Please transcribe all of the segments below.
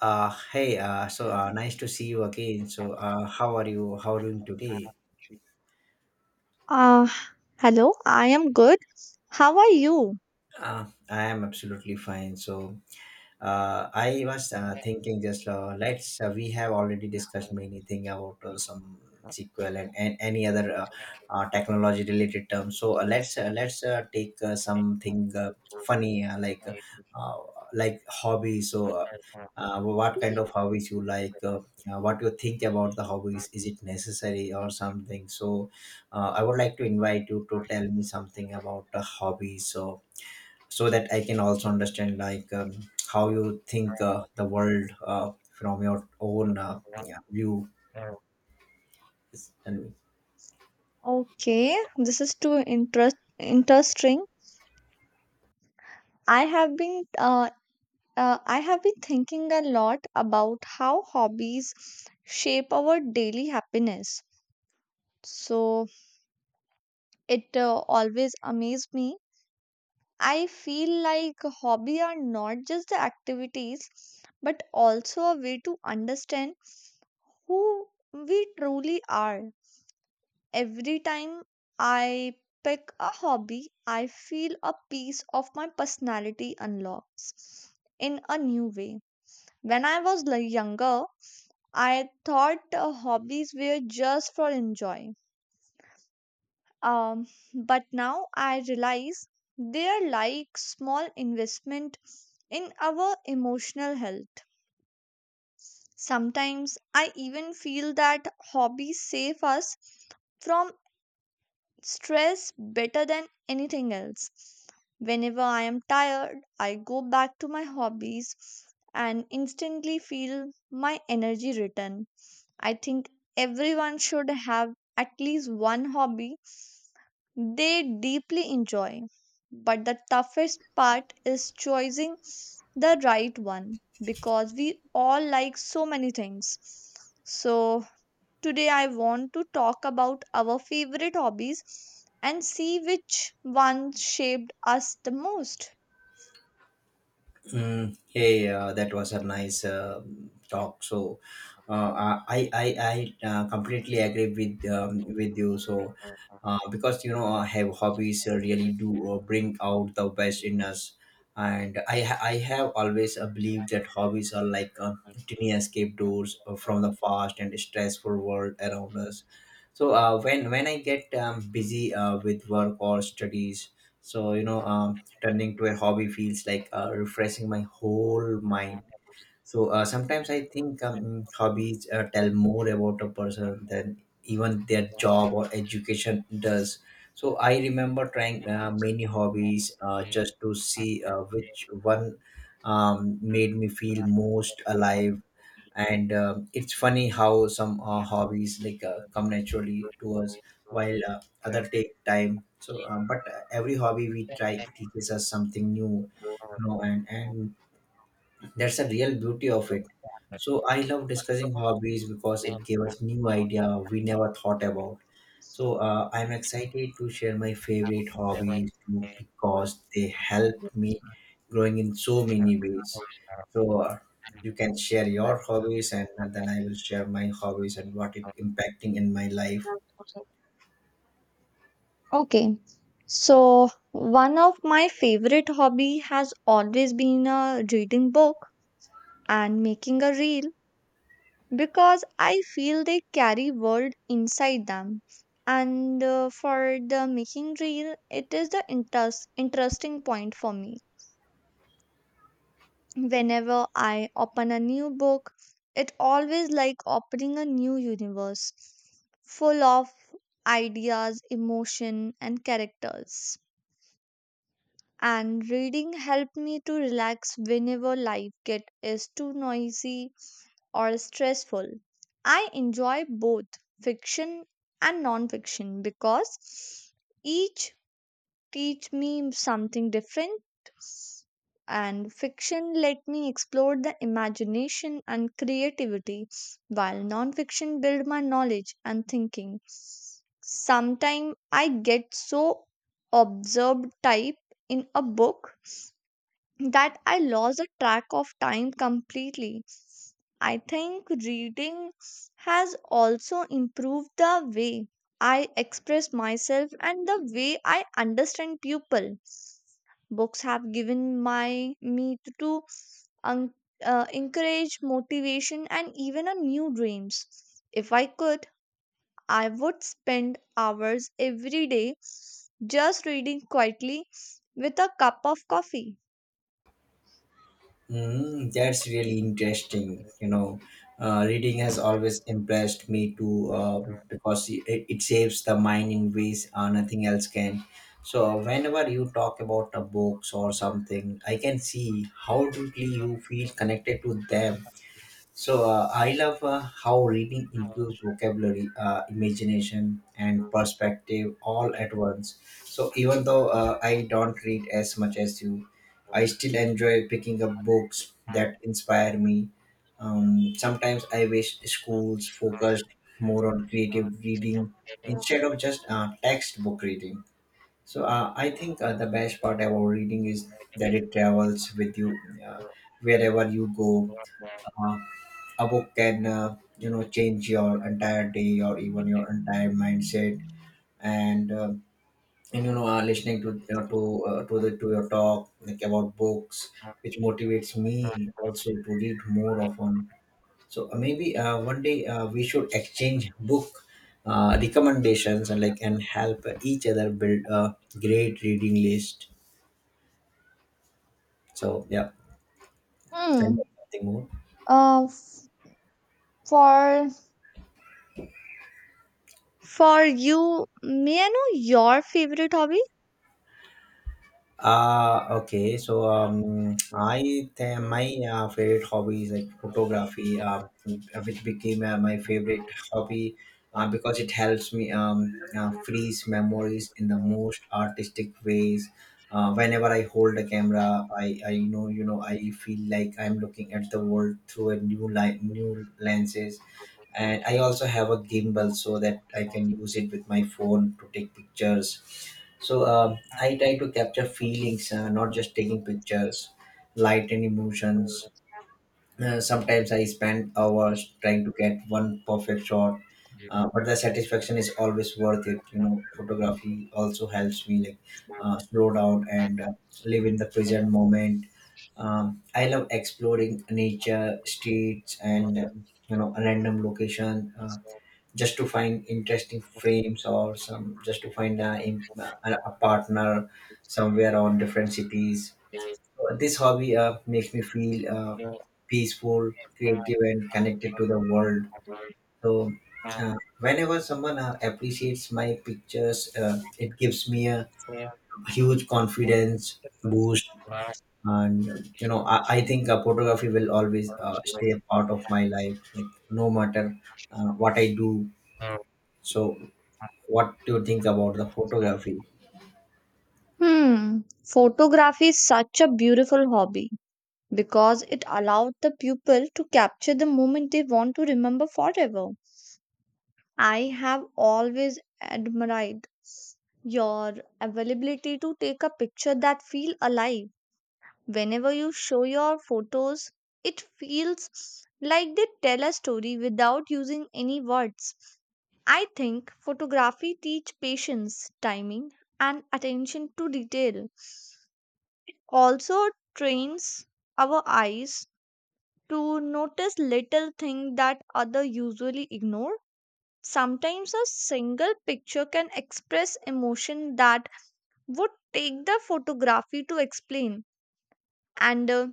Hey, so, nice to see you again. So, how are you? How are you doing today? Uh, Hello, I am good. How are you? I am absolutely fine. So, I was thinking, just let's we have already discussed many thing about some SQL and any other technology related terms. So, let's take something funny, uh, like hobby. So, what kind Mhm. of hobbies you like? What you think about the hobbies? Is it necessary or something? So I would like to invite you to tell me something about a hobby. So that I can also understand, like, how you think the world from your own, yeah, view. And Okay, this is too interesting. I have been uh, I have been thinking a lot about how hobbies shape our daily happiness. So it always amazed me. I feel like hobby are not just the activities, but also a way to understand who we truly are. Every time I pick a hobby, I feel a piece of my personality unlocks in a new way. When I was younger, I thought hobbies were just for enjoy. Um, but now I realize they are like small investment in our emotional health. Sometimes I even feel that hobbies save us from stress better than anything else. Whenever I am tired, I go back to my hobbies and instantly feel my energy return. I think everyone should have at least one hobby they deeply enjoy. But the toughest part is choosing the right one because we all like so many things. So, today, I want to talk about our favorite hobbies and see which one shaped us the most. mm, hey, that was a nice talk. So, uh, I I, I completely agree with, with you. So, because, you know, I have hobbies really do bring out the best in us, and I have always believed that hobbies are like tiny escape doors from the fast and stressful world around us. So, when I get busy with work or studies, so, you know. Turning to a hobby feels like refreshing my whole mind. So sometimes I think hobbies tell more about a person than even their job or education does. So I remember trying many hobbies just to see which one made me feel most alive, and it's funny how some hobbies like come naturally to us while other take time, so but every hobby we try teaches us something new, you know, and that's the real beauty of it. So I love discussing hobbies because it gave us new idea we never thought about. So I'm excited to share my favorite hobbies too, because they help me growing in so many ways. So you can share your hobbies, and then I will share my hobbies and what it impacting in my life. Okay, so one of my favorite hobby has always been a reading book and making a reel because I feel they carry world inside them. And for the making reel, it is the interesting point for me whenever I open a new book, it always like opening a new universe full of ideas, emotion and characters. And reading helped me to relax whenever life get is too noisy or stressful. I enjoy both fiction and non-fiction because each teach me something different. And fiction let me explore the imagination and creativity, while non-fiction build my knowledge and thinking. Sometimes I get so absorbed type in a book that I lost the track of time completely. I think reading has also improved the way I express myself and the way I understand people. Books have given my me to un- encourage motivation and even a new dreams. If I could, I would spend hours every day just reading quietly with a cup of coffee. Mm, that's really interesting. You know, reading has always impressed me too, because it saves the mind in ways nothing else can. So, whenever you talk about the books or something, I can see how deeply you feel connected to them. So I love how reading improves vocabulary, imagination, and perspective all at once. So even though I don't read as much as you, I still enjoy picking up books that inspire me. Sometimes I wish schools focused more on creative reading instead of just textbook reading. So I think the best part about reading is that it travels with you uh, wherever you go. uh, a book can, you know, change your entire day or even your entire mindset. And uh, and, you know, listening, to you know, to the to your talk, like about books, which motivates me also to read more often. So maybe one day we should exchange book recommendations, and, like, and help each other build a great reading list. So yeah, tell me Hmm. something more. Uh, f- for for you, may I know your favorite hobby? Okay. So, my favorite hobby is like photography, which became my favorite hobby because it helps me, freeze memories in the most artistic ways. Whenever I hold a camera, I know, you know, I feel like I'm looking at the world through a new light, new lenses. And I also have a gimbal so that I can use it with my phone to take pictures. So, I try to capture feelings, not just taking pictures, light and emotions. Sometimes I spend hours trying to get one perfect shot, but the satisfaction is always worth it. You know, photography also helps me, like, slow down and live in the present moment. I love exploring nature, streets, and, you know, a random location, just to find interesting frames, or some, just to find a partner somewhere on different cities. This hobby makes me feel peaceful, creative, and connected to the world. So, whenever someone appreciates my pictures, it gives me a huge confidence boost. And, you know, I think photography will always stay a part of my life, like, no matter what I do. So, what do you think about the photography? Hmm, photography is such a beautiful hobby because it allowed the pupil to capture the moment they want to remember forever. I have always admired your availability to take a picture that feel alive. Whenever you show your photos, it feels like they tell a story without using any words. I think photography teach patience, timing, and attention to detail. Also trains our eyes to notice little things that other usually ignore. Sometimes a single picture can express emotion that would take the photography to explain. And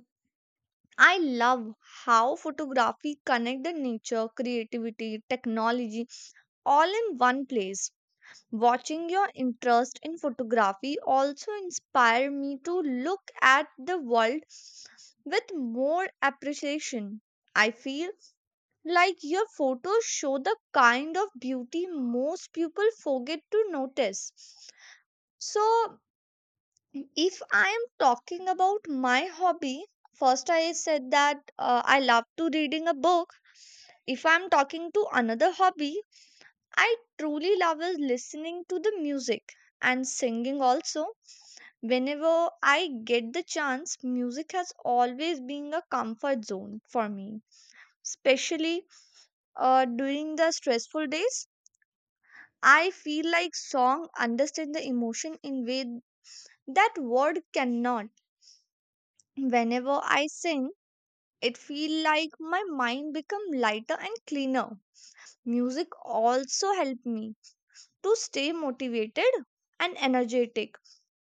I love how photography connect the nature, creativity, technology all in one place. Watching your interest in photography also inspired me to look at the world with more appreciation. I feel like your photos show the kind of beauty most people forget to notice. So, if I am talking about my hobby, first I said that I love to reading a book. If I'm talking to another hobby I truly love, is listening to the music and singing also, whenever I get the chance. Music has always been a comfort zone for me, especially during the stressful days. I feel like song understand the emotion in way that word cannot. Whenever I sing, it feel like my mind become lighter and cleaner. Music also help me to stay motivated and energetic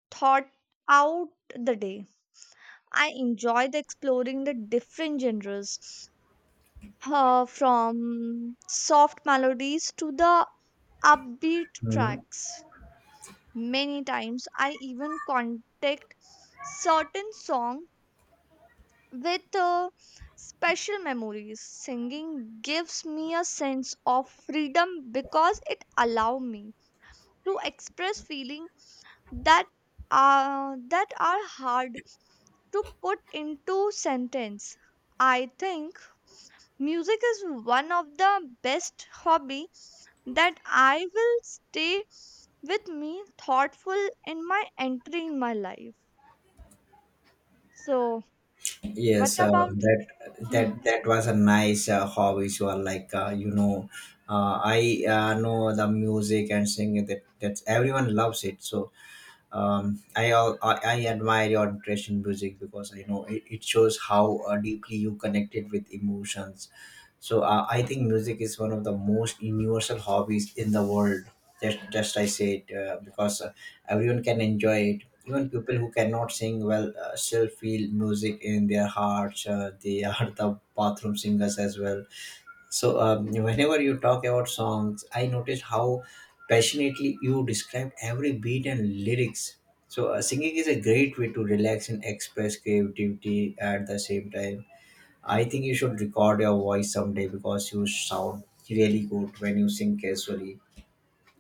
thought out the day. I enjoy the exploring the different genres, from soft melodies to the upbeat Mhm. tracks. Many times I even contact certain songs with special memories. Singing gives me a sense of freedom because it allows me to express feeling that that are hard to put into sentence. I think music is one of the best hobby that I will stay with me thoughtful in my entry in my life. So, what Yes, uh, about you? that that that was a nice hobby. So, like, you know, I know the music and singing. That everyone loves it. So, I I admire your interest music because I know it shows how deeply you connected with emotions. So I think music is one of the most universal hobbies in the world. Just I said, because everyone can enjoy it. Even people who cannot sing well still feel music in their hearts. They are the bathroom singers as well. So, whenever you talk about songs, I noticed how passionately you describe every beat and lyrics. So singing is a great way to relax and express creativity at the same time. I think you should record your voice someday because you sound really good when you sing casually.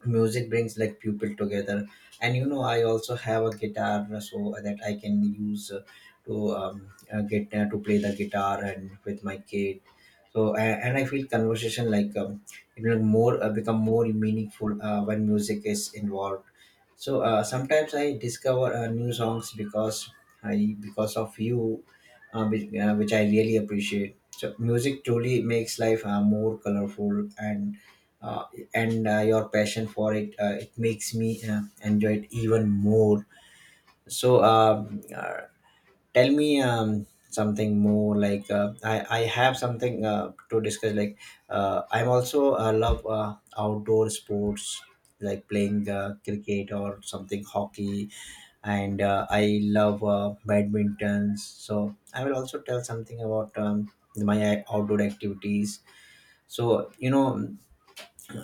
Music brings, like, people together, and, you know, I also have a guitar so that I can use to get to play the guitar and with my kids. And I feel conversation, like, it will more become more meaningful when music is involved. So sometimes I discover new songs because, I, because of you, which I really appreciate. So music truly makes life more colorful, uh, and your passion for it it makes me enjoy it even more. So, tell me, something more, like, I have something to discuss, like, I'm also love outdoor sports, like playing cricket or something, hockey, and I love badminton, so I will also tell something about my outdoor activities. So, you know,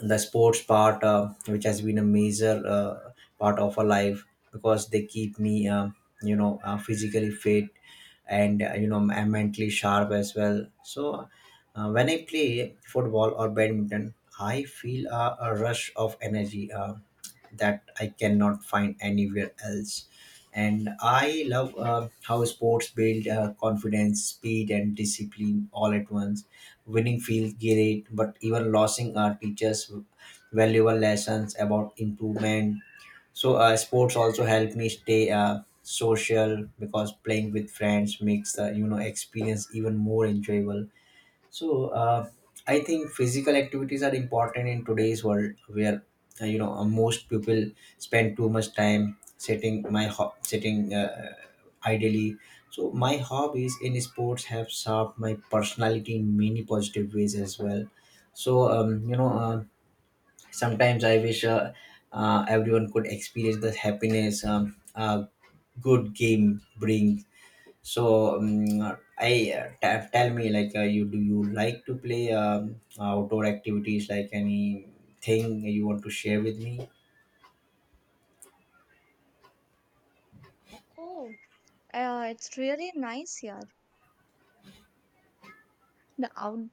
the sports part which has been a major part of our life, because they keep me, physically fit, and you know, I'm mentally sharp as well. So when I play football or badminton, I feel a rush of energy that I cannot find anywhere else. And I love how sports build confidence, speed, and discipline all at once. Winning feels great, but even losing teaches valuable lessons about improvement. So sports also help me stay social, because playing with friends makes the, you know, experience even more enjoyable. So I think physical activities are important in today's world where, most people spend too much time sitting, sitting ideally. So my hobbies in sports have shaped my personality in many positive ways as well. So, sometimes I wish, everyone could experience the happiness a good game brings. So, I tell me, like, you, do you like to play, outdoor activities? Like, anything you want to share with me? Mhm. It's really nice here. The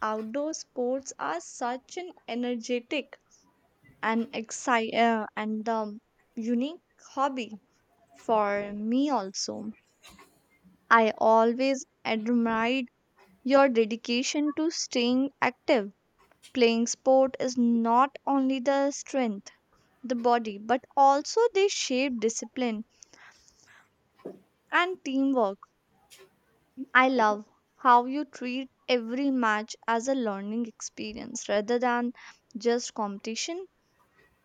outdoor sports are such an energetic and exci and unique hobby for me also. I always admired your dedication to staying active. Playing sport is not only the strength, the body, but also they shape discipline and teamwork. I love how you treat every match as a learning experience rather than just competition.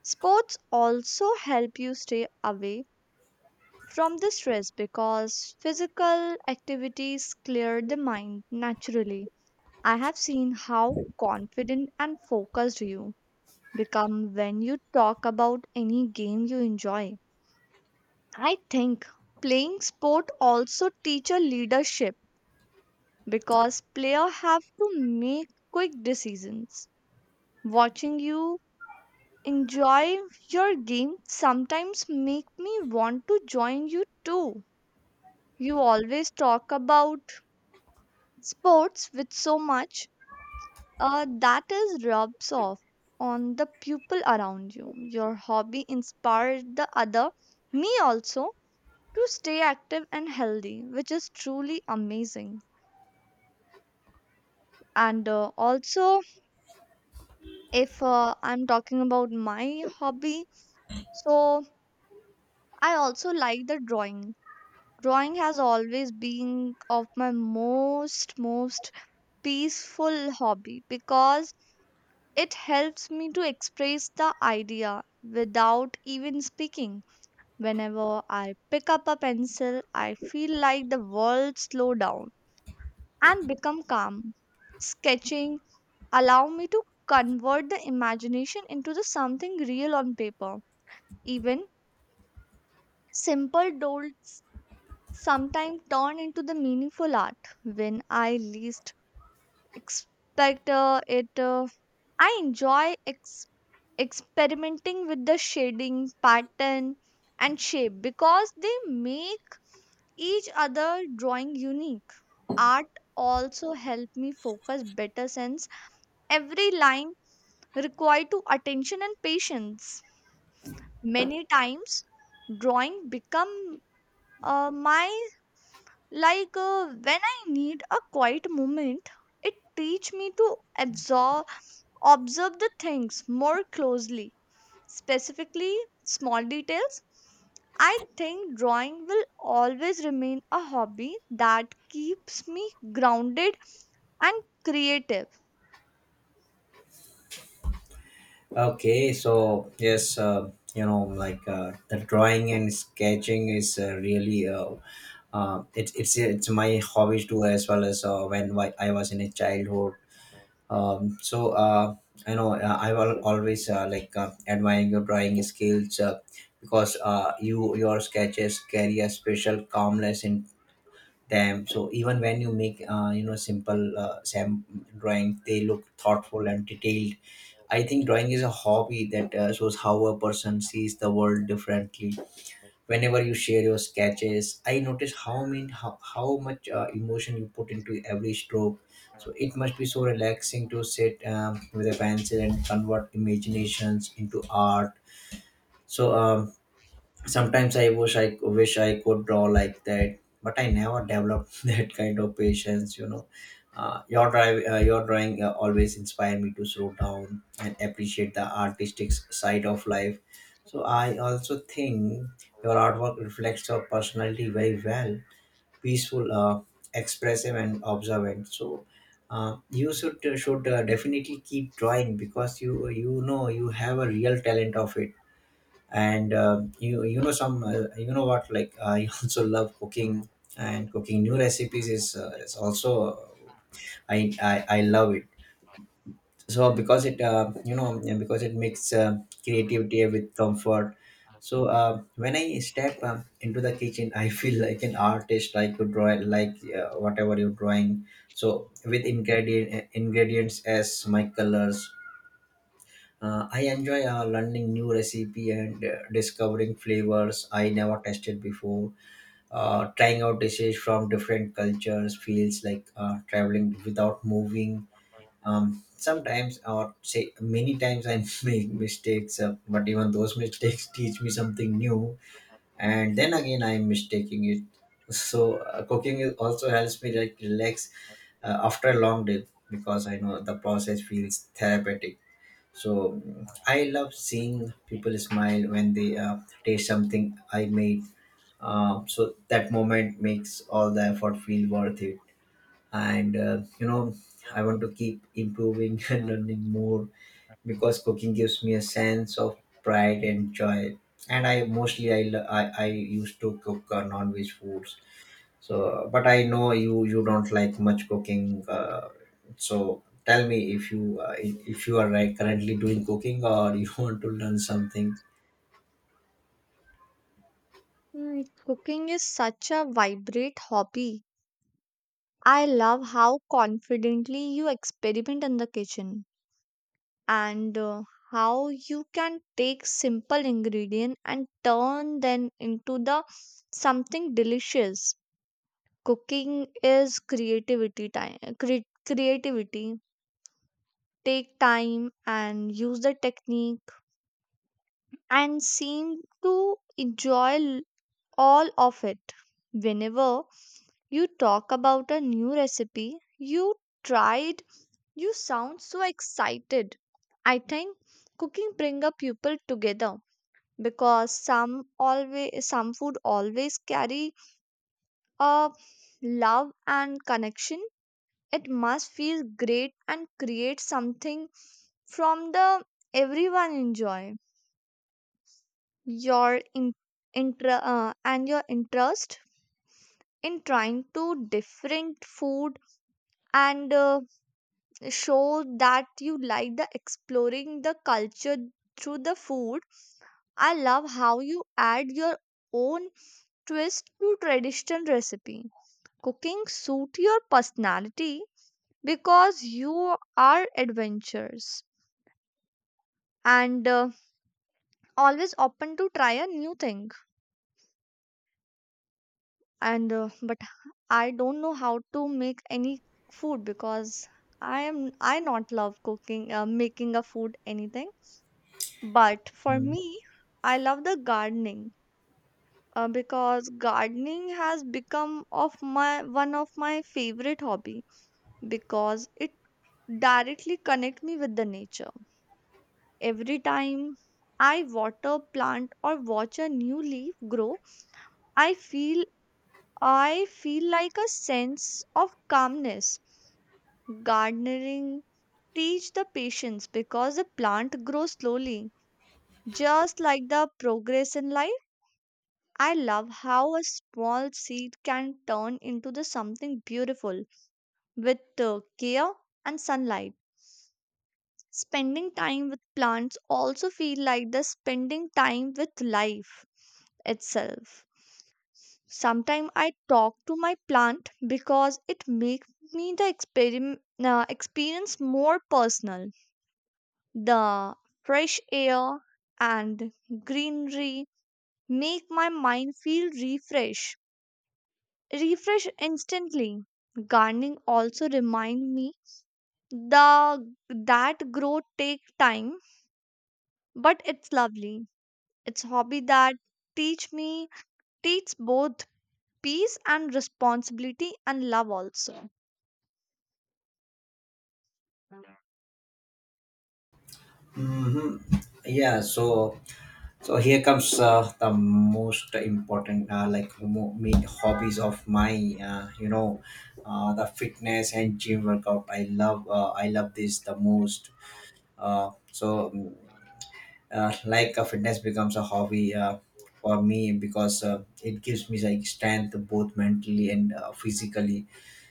Sports also help you stay away from the stress because physical activities clear the mind naturally. I have seen how confident and focused you become when you talk about any game you enjoy. I think playing sport also teaches leadership because player have to make quick decisions. Watching you enjoy your game sometimes make me want to join you too. You always talk about sports with so much that is rubs off on the people around you. Your hobby inspired the other, me also, to stay active and healthy, which is truly amazing. And also, if I'm talking about my hobby, so I also like the drawing. Drawing has always been of my most peaceful hobby because it helps me to express the idea without even speaking. Whenever I pick up a pencil, I feel like the world slow down and become calm. Sketching allow me to convert the imagination into the something real on paper. Even simple dolls sometimes turn into the meaningful art when I least expect it. I enjoy experimenting with the shading, pattern, and shape because they make each other drawing unique. Art also help me focus better since every line require to attention and patience. Many times drawing become my, like when I need a quiet moment, it teach me to absorb observe the things more closely, specifically small details. I think drawing will always remain a hobby that keeps me grounded and creative. Okay, so yes, you know, like, the drawing and sketching is really it's my hobbies too, as well as when I was in a childhood. So, I know I will always like admiring your drawing skills, because, you, your sketches carry a special calmness in them. So even when you make, you know, simple, drawing, they look thoughtful and detailed. I think drawing is a hobby that shows how a person sees the world differently. Whenever you share your sketches, I notice how much emotion you put into every stroke. So it must be so relaxing to sit with a pencil and convert imaginations into art. so um, Sometimes I wish I could draw like that, but I never developed that kind of patience, your drive your drawing always inspired me to slow down and appreciate the side of life. So I also think your artwork reflects your personality very well: peaceful, expressive, and observant. So you should definitely keep drawing because you know you have a real talent of it. And you you know some you know what like I also love cooking, and cooking new recipes is also, I love it. So because it because it makes creativity with comfort. So when I step into the kitchen, I feel like an artist. I could draw like whatever you're drawing, so with ingredients as my colors. I enjoy learning new recipe and discovering flavors I never tested before. Trying out dishes from different cultures feels like traveling without moving. Sometimes, or say many times, I make mistakes, but even those mistakes teach me something new. And then again, I'm mistaking it. So cooking is also helps me like relax after a long day because I know the process feels therapeutic. So mm, I love seeing people smile when they taste something I made. So that moment makes all the effort feel worth it. And you know, I want to keep improving and learning more because cooking gives me a sense of pride and joy. And I mostly I used to cook non-veg foods, so but I know you don't like much cooking. So tell me if you are like currently doing cooking or you want to learn something. Mm, cooking is such a vibrant hobby. I love how confidently you experiment in the kitchen. And how you can take simple ingredient and turn them into the something delicious. Cooking is creativity time creativity, take time and use the technique, and seem to enjoy all of it. Whenever you talk about a new recipe you tried, you sound so excited. I think cooking bring a people together because some food always carry a love and connection. It must feel great and create something from the everyone enjoy. Your in, inter, and your interest in trying to different food, and show that you like the exploring the culture through the food. I love how you add your own twist to traditional recipe. Cooking suit your personality because you are adventurous and always open to try a new thing. And But I don't know how to make any food because I not love cooking, making a food anything. But for me, I love the gardening, because gardening has become of my one of my favorite hobby because it directly connect me with the nature. Every time I water plant or watch a new leaf grow, I feel I feel like a sense of calmness. Gardening teach the patience because the plant grows slowly, just like the progress in life. I love how a small seed can turn into the something beautiful with care and sunlight. Spending time with plants also feel like the spending time with life itself. Sometimes I talk to my plant because it makes me the experience more personal. The fresh air and greenery make my mind feel refreshed, refresh instantly. Gardening also remind me the that growth take time, but it's lovely. It's a hobby that teach me teach both peace and responsibility and love also. Hmm. Yeah. So so here comes the most important, main hobbies of my uh, you know the fitness and gym workout. I love this the most. So like a fitness becomes a hobby for me because it gives me like strength both mentally and physically.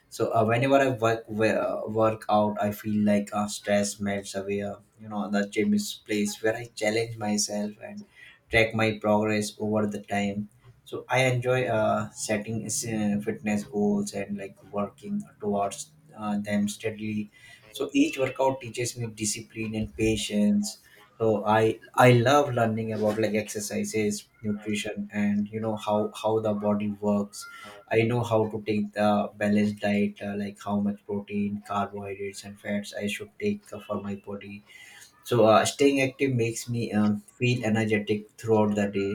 So whenever I work out, I feel like stress melts away. You know, the gym is place where I challenge myself and track my progress over the time. So I enjoy setting fitness goals and like working towards them steadily. So each workout teaches me discipline and patience. So I love learning about like exercises, nutrition, and you know how the body works. I know how to take the balanced diet, like how much protein, carbohydrates, and fats I should take for my body. So staying active makes me feel energetic throughout the day.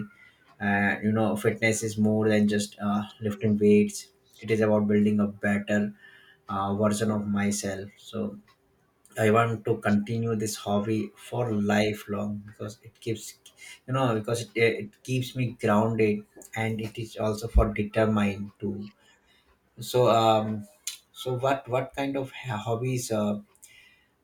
And you know, fitness is more than just lifting weights. It is about building a better version of myself. So I want to continue this hobby for lifelong because it keeps, you know, because it keeps me grounded and it is also for determined to. So, so what kind of hobbies uh,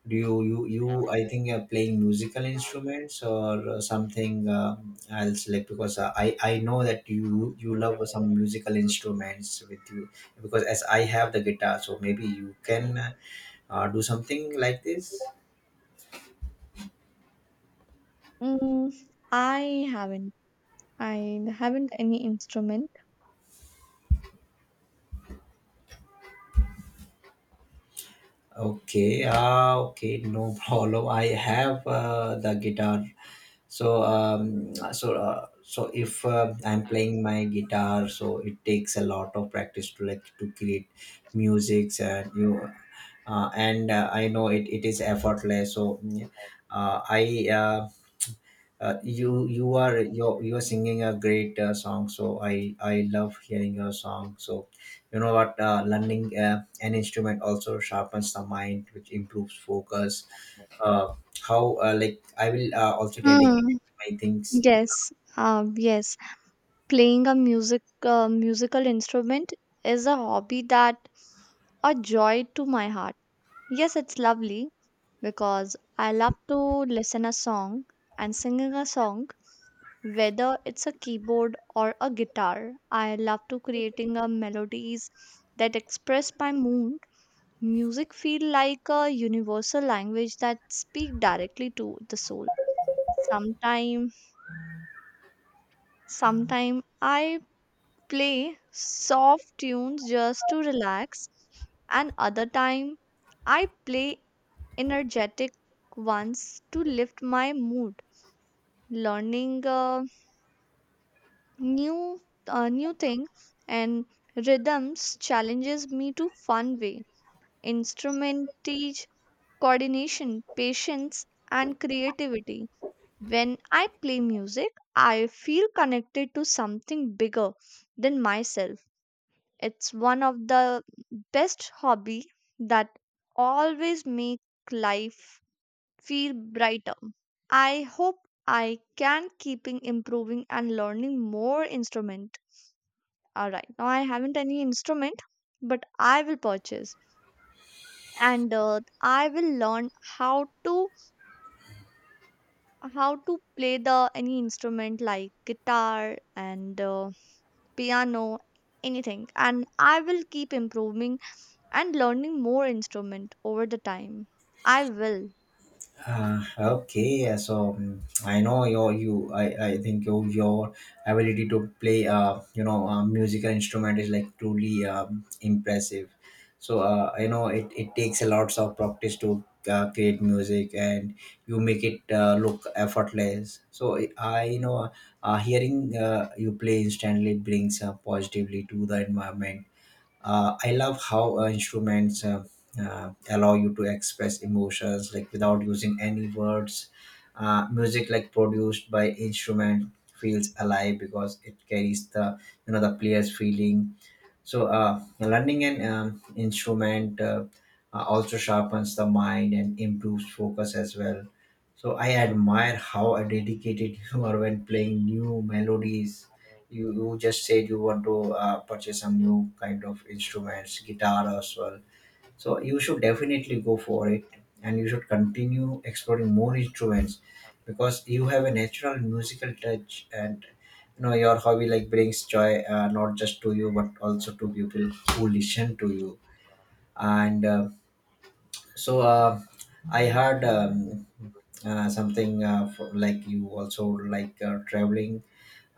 do you you you? I think you're playing musical instruments or something else, like because I know that you love some musical instruments with you, because as I have the guitar, so maybe you can do something like this. Mm, I haven't. I haven't any instrument. Okay, ah, okay, no problem. I have the guitar, so if I'm playing my guitar, so it takes a lot of practice to like to create musics, and you know, and I know it, it is effortless so mm, I you you're singing a great song, so I love hearing your song. So you know what, learning an instrument also sharpens the mind, which improves focus. uh, how like I will also dedicate Hmm. my things. Yes. Yes. Playing a musical instrument is a hobby that a joy to my heart. Yes, it's lovely because I love to listen a song and singing a song. Whether it's a keyboard or a guitar, I love to creating a melodies that express my mood. Music feel like a universal language that speak directly to the soul. Sometime, Sometime I play soft tunes just to relax, and other time I play energetic ones to lift my mood. Learning new new thing and rhythms challenges me to fun way. Instrument teach coordination patience and creativity. When I play music, I feel connected to something bigger than myself. It's one of the best hobby that always make life feel brighter. I hope I can keeping improving and learning more instrument. All right. Now I haven't any instrument, but I will purchase and I will learn how to how to play the any instrument like guitar and piano anything, and I will keep improving and learning more instrument over the time. I will. Okay, yeah, so I know I think your ability to play musical instrument is like truly impressive. So I know it, it takes a lots of practice to create music, and you make it look effortless. So I know hearing you play instantly brings positively to the environment. I love how instruments allow you to express emotions like without using any words. Music like produced by instrument feels alive because it carries the, you know, the player's feeling. So, learning an instrument also sharpens the mind and improves focus as well. So, I admire how dedicated you are when playing new melodies. You just said you want to purchase some new kind of instruments, guitar as well, so you should definitely go for it, and you should continue exploring more instruments because you have a natural musical touch, and you know your hobby like brings joy not just to you but also to people who listen to you. And uh, so uh, I heard something like you also like traveling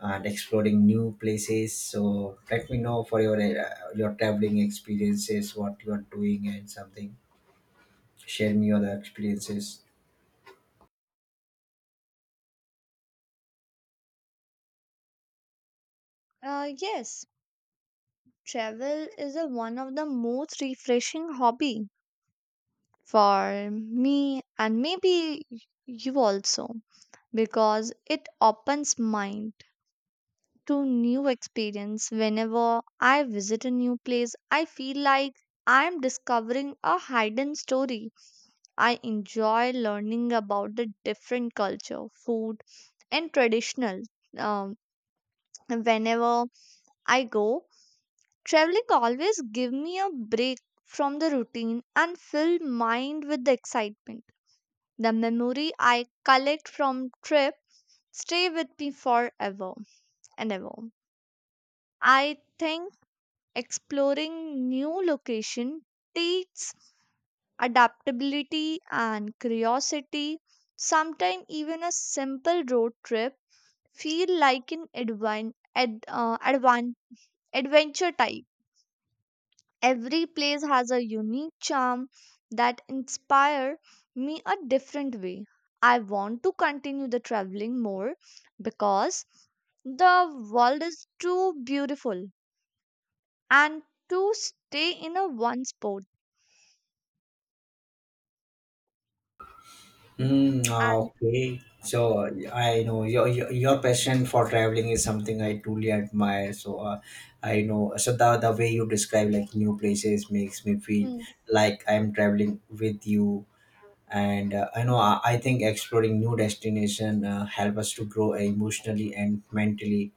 and exploring new places, so let me know for your traveling experiences, what you are doing and something. Share me other experiences. Yes, travel is one of the most refreshing hobby for me, and maybe you also, because it opens mind to new experience. Whenever I visit a new place, I feel like I am discovering a hidden story. I enjoy learning about the different culture food and traditional. um, Whenever I go, traveling always give me a break from the routine and fill mind with the excitement. The memory I collect from trip stay with me forever and ever. I think exploring new location teaches adaptability and curiosity. Sometimes even a simple road trip feel like an adventure type. Every place has a unique charm that inspire me a different way. I want to continue the traveling more because the world is too beautiful and to stay in a one spot. Mm, And ah, okay. So I know your passion for traveling is something I truly admire. So I know so the way you describe like new places makes me feel Mm, like I'm traveling with you. And I know I think exploring new destination help us to grow emotionally and mentally.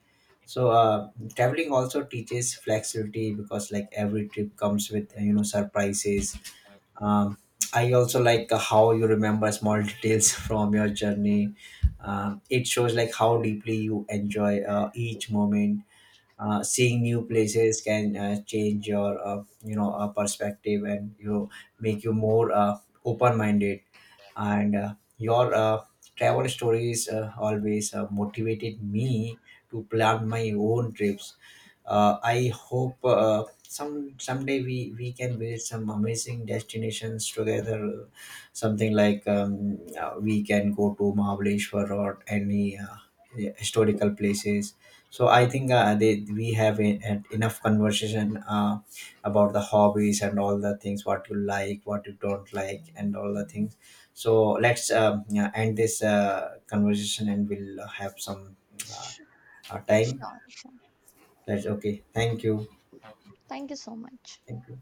So traveling also teaches flexibility because like every trip comes with you know surprises. Um, I also like how you remember small details from your journey. It shows like how deeply you enjoy each moment. Seeing new places can change your perspective, and you know, make you more open-minded. And your travel stories always motivated me to plan my own trips. I hope some someday we can visit some amazing destinations together, something like we can go to Mahabaleshwar or any historical places. So I think we have enough conversation about the hobbies and all the things, what you like, what you don't like and all the things. So let's yeah, end this conversation and we'll have some uh, sh- time. sure, sure, Let's okay, thank you. thank you so much. Thank you.